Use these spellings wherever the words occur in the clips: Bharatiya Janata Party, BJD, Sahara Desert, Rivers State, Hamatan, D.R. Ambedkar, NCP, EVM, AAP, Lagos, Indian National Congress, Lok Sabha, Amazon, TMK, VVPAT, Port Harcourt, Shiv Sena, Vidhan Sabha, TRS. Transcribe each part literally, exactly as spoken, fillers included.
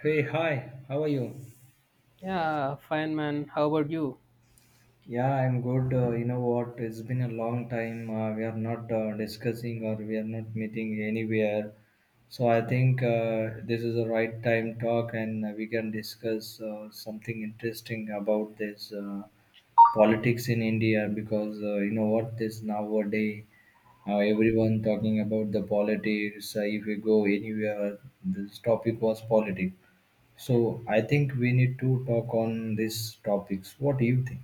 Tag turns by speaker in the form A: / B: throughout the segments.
A: Hey, hi, how are you?
B: Yeah, fine, man. How about you?
A: Yeah, I'm good. Uh, you know what? It's been a long time. Uh, we are not uh, discussing or we are not meeting anywhere. So I think uh, this is the right time talk, and uh, we can discuss uh, something interesting about this uh, politics in India because uh, you know what? This nowadays, uh, everyone talking about the politics. Uh, if you go anywhere, this topic was politics. So I think we need to talk on these topics. What do you think?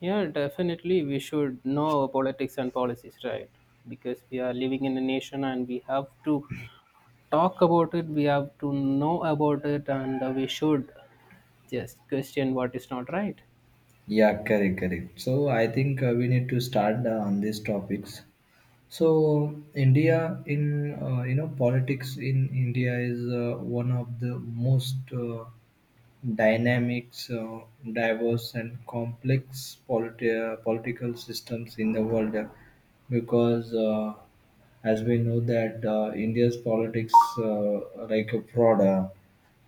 B: Yeah, definitely. We should know our politics and policies, right? Because we are living in a nation and we have to talk about it, we have to know about it, and uh, we should just question what is not right.
A: Yeah, correct, correct. So I think uh, we need to start uh, on these topics. So India in uh, you know politics in India is uh, one of the most uh, dynamics, uh, diverse and complex politi- uh, political systems in the world uh, because uh, as we know that uh, india's politics uh, like a fraud uh,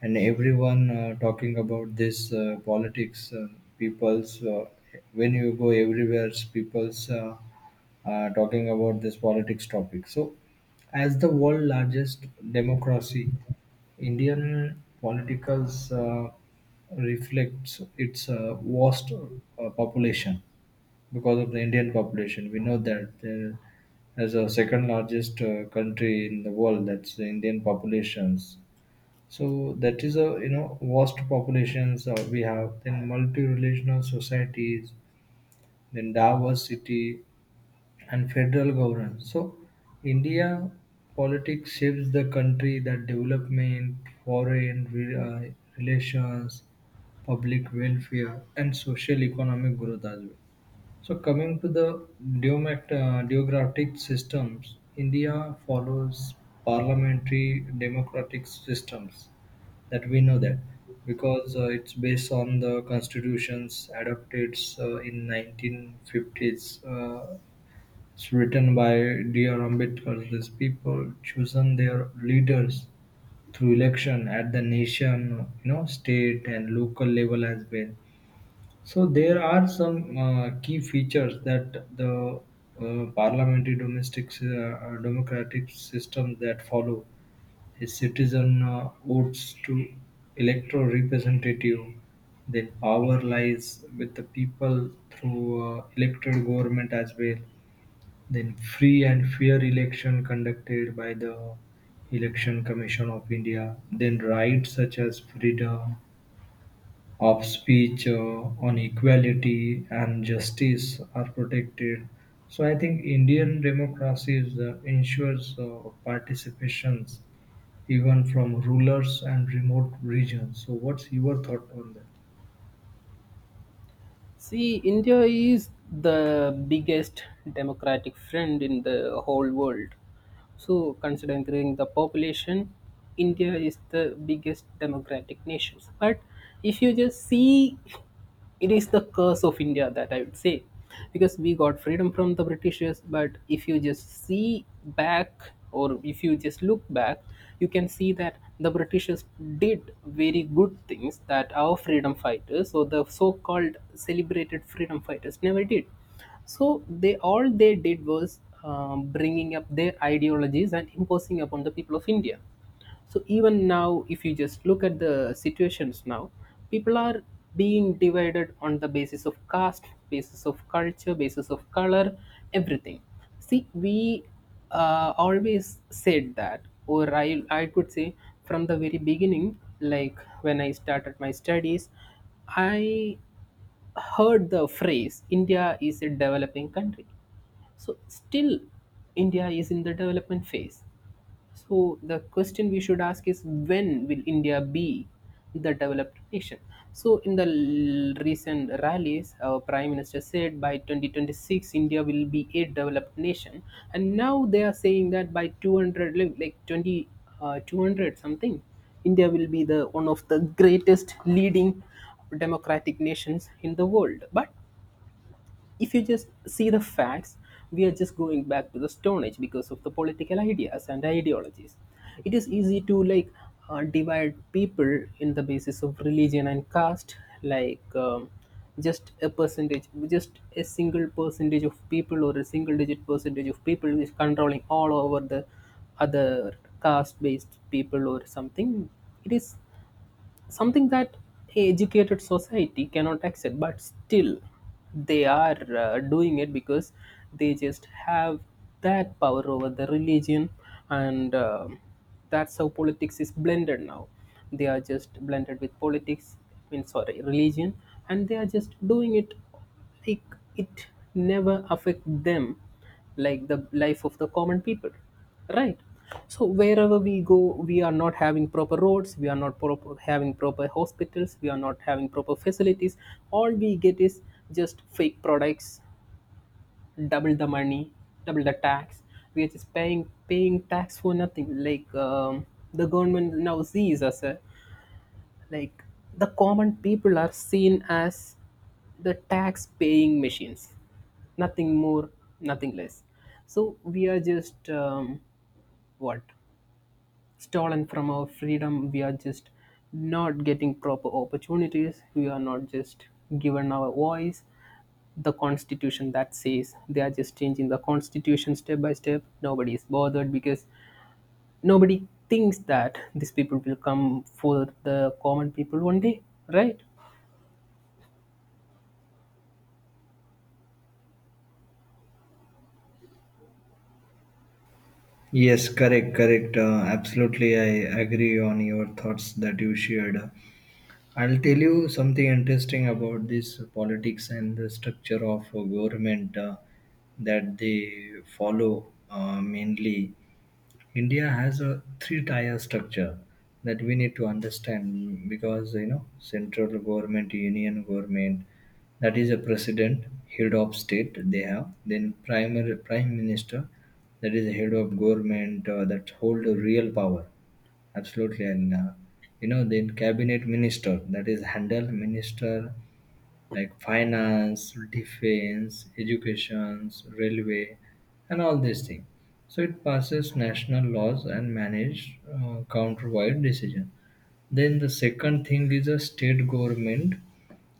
A: and everyone uh, talking about this uh, politics uh, people's uh, when you go everywhere people's uh, uh, talking about this politics topic. So, as the world largest democracy, Indian politicals uh, reflects its uh, vast uh, population because of the Indian population. We know that there is a second largest uh, country in the world. That's the Indian populations. So that is a you know vast populations uh, we have. Then multi-relational societies, then Davos City, and federal government. So, India politics shapes the country that development, foreign re- uh, relations, public welfare, and social economic growth as well. So coming to the deomat, uh, deographic systems, India follows parliamentary democratic systems that we know that because uh, it's based on the constitutions adopted uh, in nineteen fifties. Uh, it's written by D R. Ambedkar. These people chosen their leaders through election at the nation, you know, state and local level as well, so there are some uh, key features that the uh, parliamentary domestic uh, uh, democratic system that follow: a citizen uh, votes to electoral representative, then power lies with the people through uh, elected government as well, then free and fair election conducted by the election commission of india, then rights such as freedom of speech uh, on equality and justice are protected. So I think Indian democracy is, uh, ensures uh, participations even from rulers and remote regions. So what's your thought on that?
B: See, India is the biggest democratic friend in the whole world. So, considering the population, India is the biggest democratic nation. But if you just see, it is the curse of India that I would say because we got freedom from the britishers. But if you just see back or if you just look back, you can see that the britishers did very good things that our freedom fighters or the so-called celebrated freedom fighters never did. So they all they did was um, bringing up their ideologies and imposing upon the people of india. So even now, if you just look at the situations now, people are being divided on the basis of caste, basis of culture, basis of color, everything. See, we uh, always said that, or I, I could say, from the very beginning, like when I started my studies, I heard the phrase india is a developing country. So still india is in the development phase. So the question we should ask is, when will India be the developed nation? So in the l- recent rallies, our prime minister said by twenty twenty-six India will be a developed nation, and now they are saying that by two hundred li- like twenty uh, two hundred something, India will be the one of the greatest leading democratic nations in the world. But if you just see the facts, we are just going back to the Stone Age because of the political ideas and ideologies. It is easy to, like, uh, divide people in the basis of religion and caste, like, um, just a percentage, just a single percentage of people or a single digit percentage of people is controlling all over the other caste based people or something. It is something that a educated society cannot accept, but still they are uh, doing it because they just have that power over the religion, and uh, that's how politics is blended now. They are just blended with politics, I mean, sorry, religion, and they are just doing it, like, it never affect them, like the life of the common people, right? So wherever we go, we are not having proper roads, we are not proper, having proper hospitals, we are not having proper facilities. All we get is just fake products, double the money, double the tax. We are just paying paying tax for nothing, like, um, the government now sees us uh, like, the common people are seen as the tax paying machines, nothing more, nothing less. So we are just, um, what, stolen from our freedom. We are just not getting proper opportunities. We are not just given our voice. The constitution that says, they are just changing the constitution step by step. Nobody is bothered because nobody thinks that these people will come for the common people one day, right?
A: Yes, correct, correct. Uh, absolutely, I agree on your thoughts that you shared. I'll tell you something interesting about this politics and the structure of uh, government uh, that they follow uh, mainly. India has a three-tier structure that we need to understand because you know central government, union government, that is a president, head of state they have, then primary prime minister, that is the head of government uh, that hold a real power, absolutely, and uh, you know, then cabinet minister that is handle minister like finance, defense, education, railway, and all these things. So it passes national laws and manage uh, countrywide decision. Then the second thing is a state government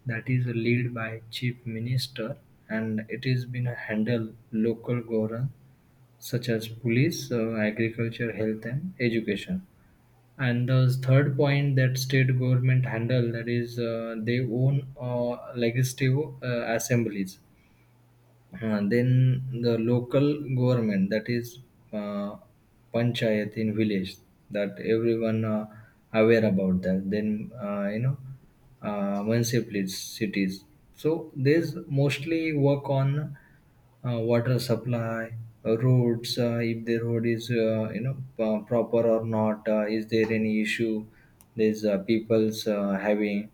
A: that is led by chief minister, and it is been a handle local government such as police, uh, agriculture, health, and education. And the third point that state government handle that is uh, they own uh, legislative uh, assemblies. Uh, then the local government, that is uh, panchayat in village that everyone uh, aware about that. Then uh, you know uh, municipalities, cities. So these mostly work on uh, water supply, uh, roads, uh, if the road is uh, you know uh, proper or not, uh, is there any issue? There's uh, people's uh, having,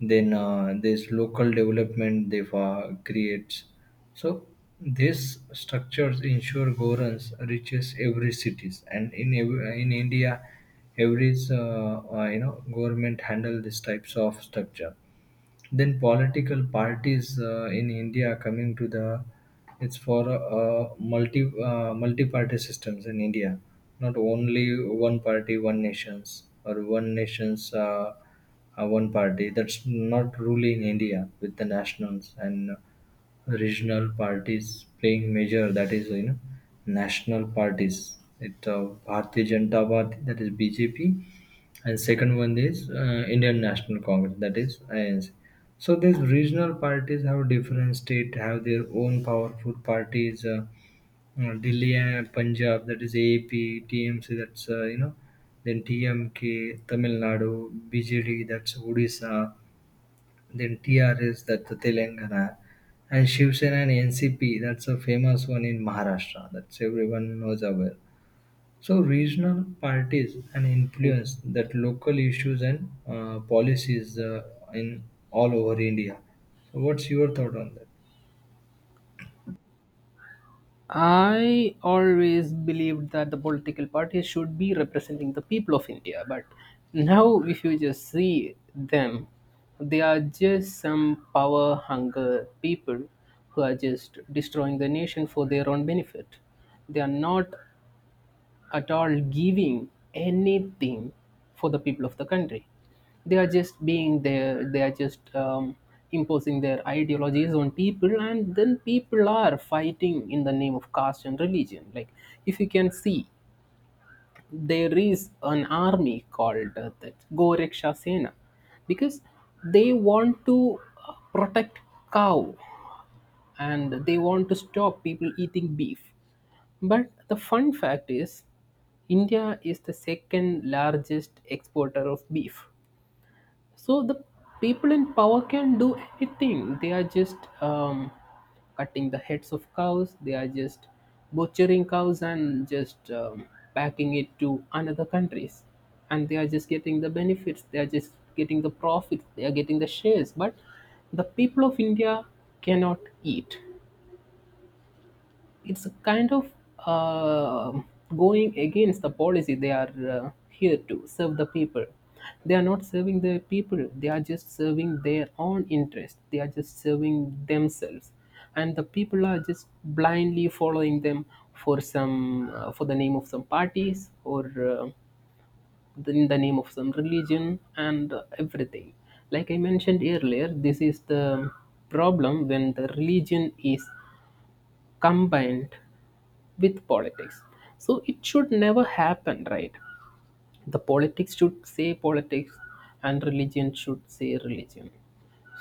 A: then uh, there's local development they uh, creates. So these structures ensure governance reaches every cities, and in ev- in India, every uh, uh, you know government handle these types of structure, then political parties uh, in India coming to the it's for uh, multi uh, multi-party systems in India, not only one party, one nations or one nations uh, uh, one party. That's not really in India with the nationals and regional parties playing major. That is you know national parties. It uh, Bharatiya Janata Party, that is B J P, and second one is uh, Indian National Congress, that is I N C. So these regional parties have different state have their own powerful parties. Uh, uh, Delhi and Punjab, that is A A P, that's uh, you know, then T M K, Tamil Nadu, B J D, that's Odisha, then T R S, that's the Telangana, and Shiv Sena and N C P, that's a famous one in Maharashtra. That's everyone knows about. So regional parties and influence that local issues and uh, policies uh, in all over India. So what's your thought on that?
B: I always believed that the political parties should be representing the people of India, but now if you just see them, they are just some power hunger people who are just destroying the nation for their own benefit. They are not at all giving anything for the people of the country. They are just being there, they are just, um, imposing their ideologies on people, and then people are fighting in the name of caste and religion. Like, if you can see, there is an army called uh, the Goreksha Sena because they want to uh, protect cow and they want to stop people eating beef. But the fun fact is, India is the second largest exporter of beef. So the people in power can do anything. They are just, um, cutting the heads of cows, they are just butchering cows and just, um, packing it to another countries. And they are just getting the benefits, they are just getting the profits, they are getting the shares. But the people of India cannot eat. It's a kind of, uh, going against the policy. They are uh, here to serve the people. They are not serving the people. They are just serving their own interest. They are just serving themselves, and the people are just blindly following them for some, uh, for the name of some parties, or uh, in the name of some religion and uh, everything. Like I mentioned earlier, this is the problem when the religion is combined with politics. So it should never happen, right? The politics should say politics and religion should say religion.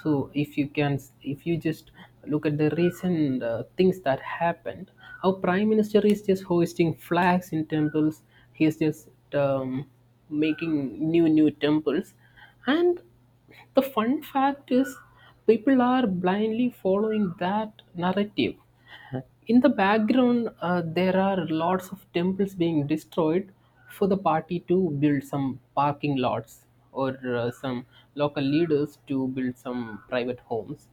B: So if you can, if you just look at the recent uh, things that happened, our prime minister is just hoisting flags in temples. He is just, um, making new new temples, and the fun fact is, people are blindly following that narrative. In the background, uh, there are lots of temples being destroyed for the party to build some parking lots, or uh, some local leaders to build some private homes,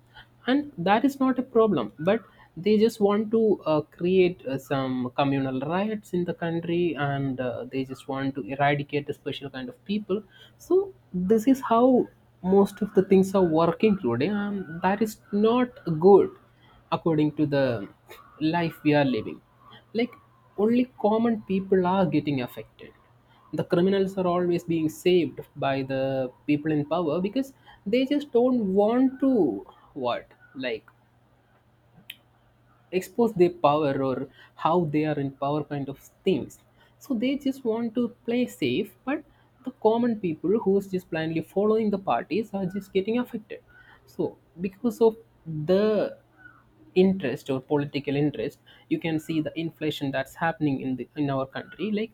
B: and that is not a problem. But they just want to uh, create uh, some communal riots in the country, and uh, they just want to eradicate a special kind of people. So this is how most of the things are working today, and that is not good according to the life we are living. Like, only common people are getting affected. The criminals are always being saved by the people in power because they just don't want to what? Like, expose their power or how they are in power kind of things. So they just want to play safe, but the common people who's just blindly following the parties are just getting affected. So because of the interest or political interest, you can see the inflation that's happening in the in our country, like,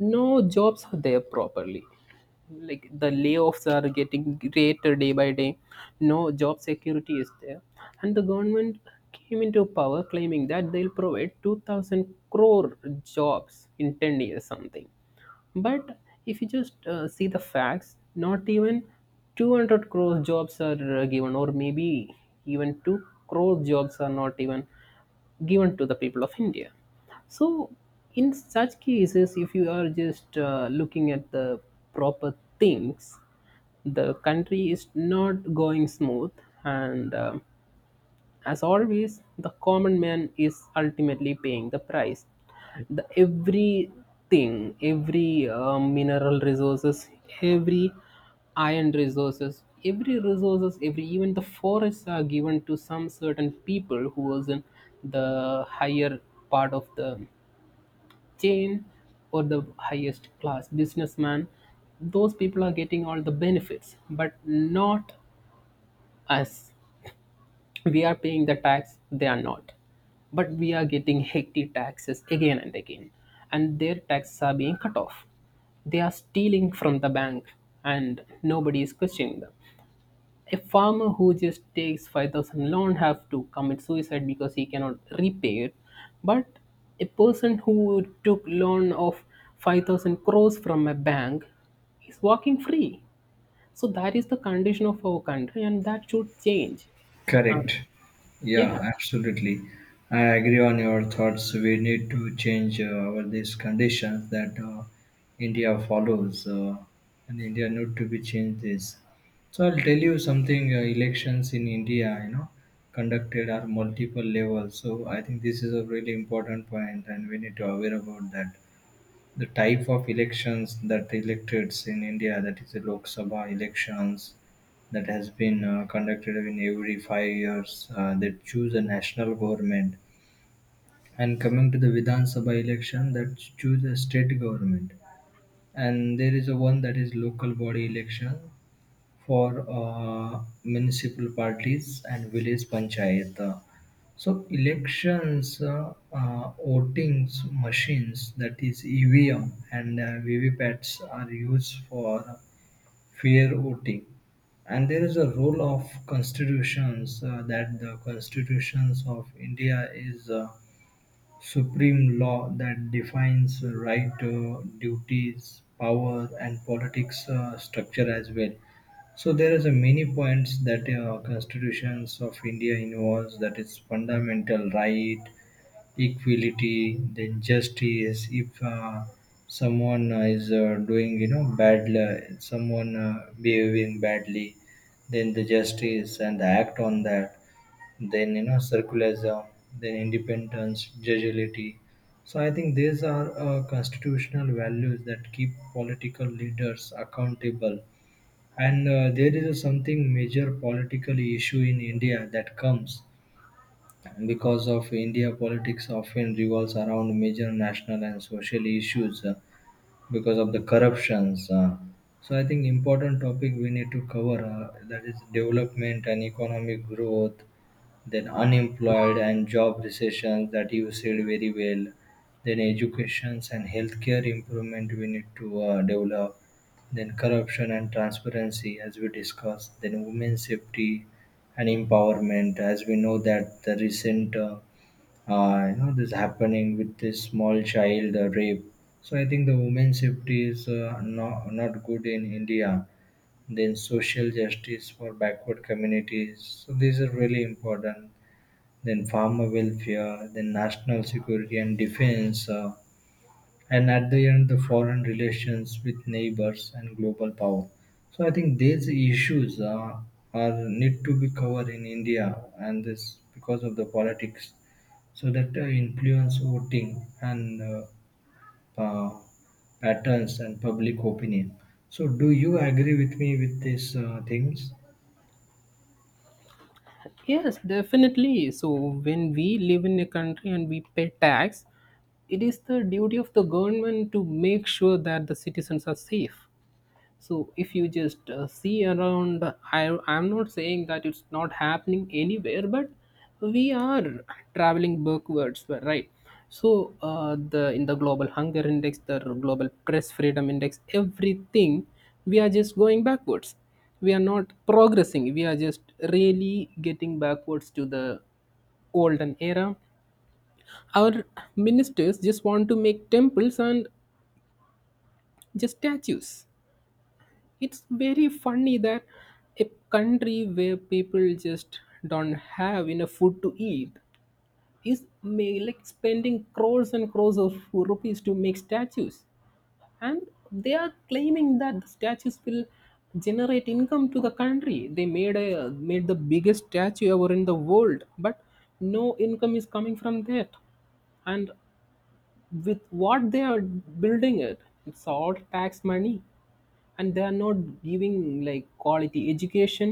B: no jobs are there properly, like, the layoffs are getting greater day by day, no job security is there. And the government came into power claiming that they'll provide two thousand crore jobs in ten years something. But if you just uh, see the facts, not even two hundred crore jobs are uh, given, or maybe even two crore jobs are not even given to the people of India. So in such cases, if you are just uh, looking at the proper things, the country is not going smooth, and um, as always, the common man is ultimately paying the price. The everything, every uh, mineral resources, every iron resources, every resources, every, even the forests, are given to some certain people who was in the higher part of the chain or the highest class businessman. Those people are getting all the benefits, but not us. We are paying the tax, they are not. But we are getting hectic taxes again and again, and their taxes are being cut off. They are stealing from the bank and nobody is questioning them. A farmer who just takes five thousand loan have to commit suicide because he cannot repay it, but a person who took loan of five thousand crores from a bank is walking free. So that is the condition of our country, and that should change.
A: Correct.
B: um,
A: Yeah,
B: yeah.
A: absolutely. I agree on your thoughts. We need to change uh, our these conditions that uh, India follows, uh, and India need to be changed this. So I'll tell you something. Uh, elections in India, you know, conducted are multiple levels. So I think this is a really important point, and we need to aware about that the type of elections that electeds in India, that is the Lok Sabha elections, that has been uh, conducted in every five years. Uh, they choose a national government, and coming to the Vidhan Sabha election, that choose a state government, and there is a one that is local body election for uh, municipal parties and village panchayat. So elections, uh, uh, voting machines, that is E V M and uh, V V P A Ts are used for fair voting. And there is a role of constitutions uh, that the constitutions of India is. Uh, supreme law that defines right, uh, duties, power, and politics uh, structure as well. So there is a many points that uh, constitutions of India involves, that is fundamental right, equality, then justice. If uh, someone uh, is uh, doing you know bad, uh, someone uh, behaving badly, then the justice and the act on that, then you know circularism, then independence, judiciality. So I think these are uh, constitutional values that keep political leaders accountable. And uh, there is a something major political issue in India that comes because of India politics often revolves around major national and social issues uh, because of the corruptions. uh. So I think important topic we need to cover uh, that is development and economic growth, then unemployed and job recessions that you said very well, then educations and healthcare improvement we need to uh, develop, then corruption and transparency as we discussed, then women's safety and empowerment as we know that the recent uh, uh, you know this happening with this small child uh, rape. So I think the women's safety is uh, not not good in India. Then social justice for backward communities. So these are really important, then farmer welfare, then national security and defense, uh, and at the end, the foreign relations with neighbors and global power. So I think these issues uh, are need to be covered in India, and this because of the politics, so that uh, influence voting and uh, uh, patterns and public opinion. So do you agree with me with these uh, things?
B: Yes, definitely. So when we live in a country and we pay tax, it is the duty of the government to make sure that the citizens are safe. So if you just uh, see around, I I'm not saying that it's not happening anywhere, but we are traveling backwards, right? So uh, the in the global hunger index, the global press freedom index, everything, we are just going backwards. We are not progressing. We are just really getting backwards to the olden era. Our ministers just want to make temples and just statues. It's very funny that a country where people just don't have enough food to eat is ma- like spending crores and crores of rupees to make statues, and they are claiming that the statues will generate income to the country. They made a made the biggest statue ever in the world, but no income is coming from that. And with what they are building it, it's all tax money, and they are not giving like quality education,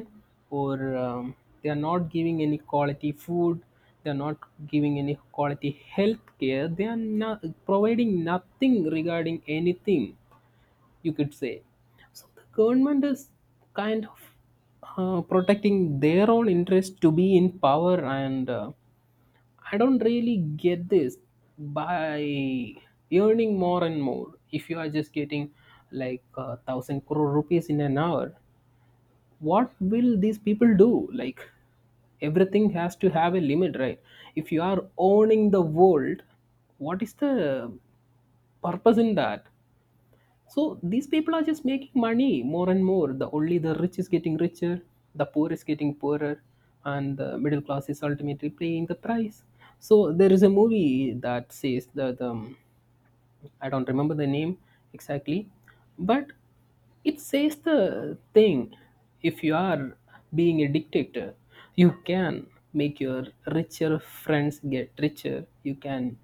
B: or, um, they are not giving any quality food, they are not giving any quality health care, they are not providing nothing regarding anything. You could say the government is kind of, uh, protecting their own interest to be in power, and uh, I don't really get this by earning more and more. If you are just getting like a thousand crore rupees in an hour, what will these people do? Like, everything has to have a limit, right? If you are owning the world, what is the purpose in that? So these people are just making money more and more. The only, the rich is getting richer, the poor is getting poorer, and the middle class is ultimately paying the price. So there is a movie that says that, um, I don't remember the name exactly, but it says the thing, if you are being a dictator, you can make your richer friends get richer, you can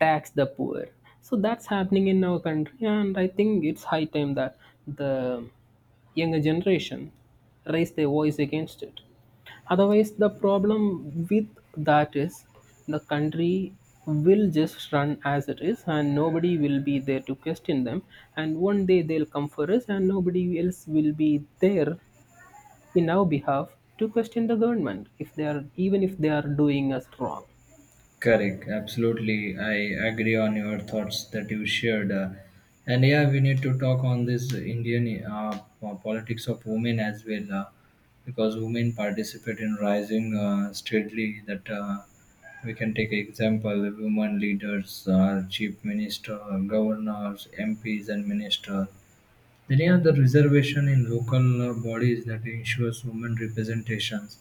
B: tax the poor. So that's happening in our country, and I think it's high time that the younger generation raise their voice against it. Otherwise, the problem with that is the country will just run as it is, and nobody will be there to question them. And one day they'll come for us, and nobody else will be there in our behalf to question the government if they are, even if they are doing us wrong.
A: Correct, absolutely. I agree on your thoughts that you shared. Uh, and yeah, we need to talk on this Indian uh, po- politics of women as well, uh, because women participate in rising uh, steadily. That uh, we can take example: women leaders, uh, chief minister, governors, M Ps, and minister. Many other reservation in local uh, bodies that ensures women representations.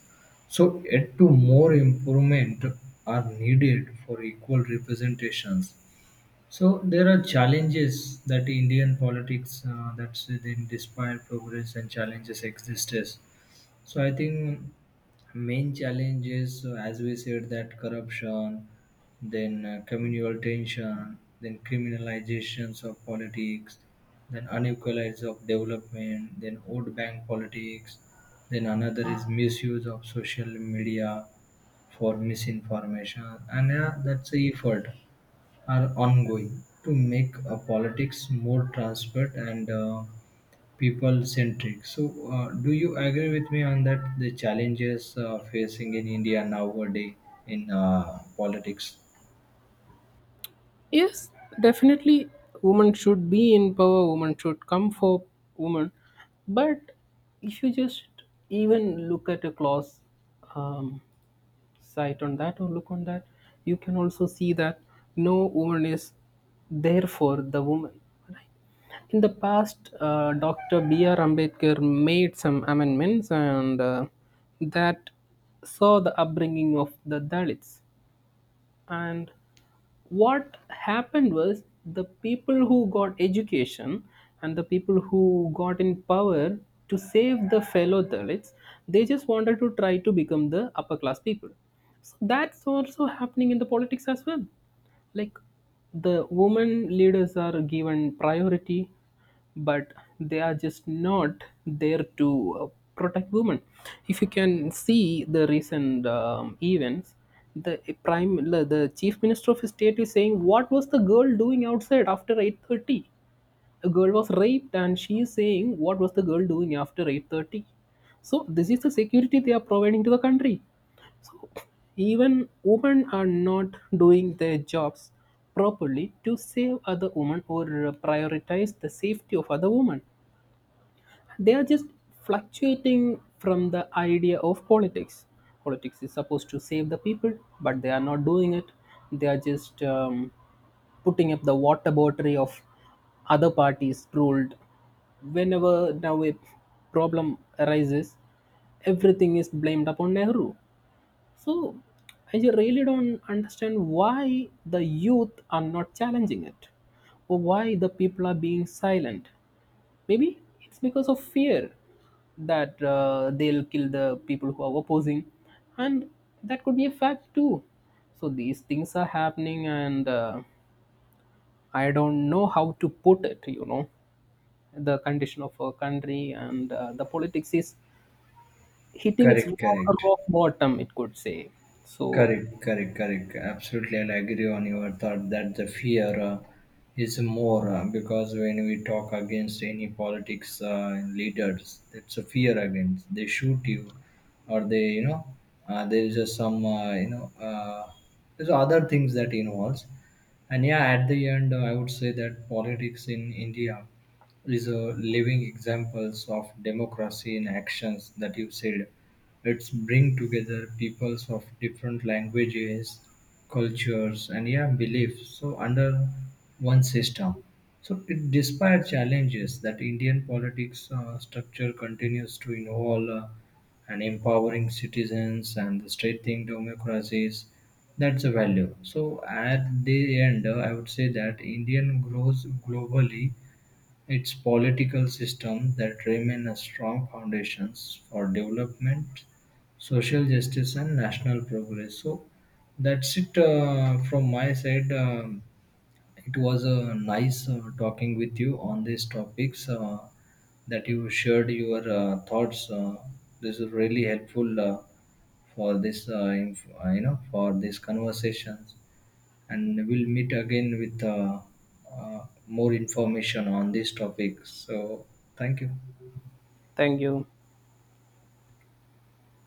A: So yet to more improvement are needed for equal representations. So there are challenges that Indian politics uh, that's within despite progress and challenges exists. So I think main challenges, is, uh, as we said, that corruption, then uh, communal tension, then criminalizations of politics, then unequalities of development, then old bank politics, then another is misuse of social media for misinformation, and yeah, that's the effort are ongoing to make uh, politics more transparent and uh, people centric. So, uh, do you agree with me on that? The challenges uh, facing in India nowadays in uh, politics.
B: Yes, definitely. Women should be in power. Women should come for women. But if you just even look at a class, um, site on that or look on that, you can also see that no woman is there for the woman, right? In the past, uh, doctor B R. Ambedkar made some amendments, and uh, that saw the upbringing of the Dalits. And what happened was, the people who got education and the people who got in power to save the fellow Dalits, they just wanted to try to become the upper class people. So that's also happening in the politics as well. Like, the women leaders are given priority, but they are just not there to uh, protect women. If you can see the recent, um, events, the prime the the chief minister of his state is saying, what was the girl doing outside after eight thirty? A girl was raped and she is saying what was the girl doing after eight thirty. So this is the security they are providing to the country. Even women are not doing their jobs properly to save other women or prioritize the safety of other women. They are just fluctuating from the idea of politics. Politics is supposed to save the people, but they are not doing it. They are just, um, putting up the water battery of other parties ruled. Whenever now a problem arises, everything is blamed upon Nehru. So I ju- really don't understand why the youth are not challenging it or why the people are being silent. Maybe it's because of fear that uh, they'll kill the people who are opposing, and that could be a fact too. So these things are happening, and uh, I don't know how to put it, you know. The condition of our country and uh, the politics is hitting its
A: Correct,
B: rock
A: correct.
B: rock bottom, it could say. So,
A: Correct, correct, correct. Absolutely, I'll agree on your thought that the fear uh, is more uh, because when we talk against any politics uh, leaders, it's a fear against. They shoot you, or they, you know, uh, there is just some, uh, you know, uh, there's other things that involves. And yeah, at the end, uh, I would say that politics in India is a living examples of democracy in actions that you said. It's bring together peoples of different languages, cultures, and yeah, beliefs. So under one system. So it, despite challenges that Indian politics uh, structure continues to involve uh, and empowering citizens and strengthening democracies. That's a value. So at the end, uh, I would say that Indian grows globally, its political systems that remain as strong foundations for development, social justice and national progress. So that's it uh, from my side. Um, it was a nice uh, talking with you on these topics uh, that you shared your uh, thoughts. Uh, this is really helpful uh, for this, uh, inf- uh, you know, for these conversations, and we'll meet again with uh, uh, more information on this topic. So, thank you.
B: thank you.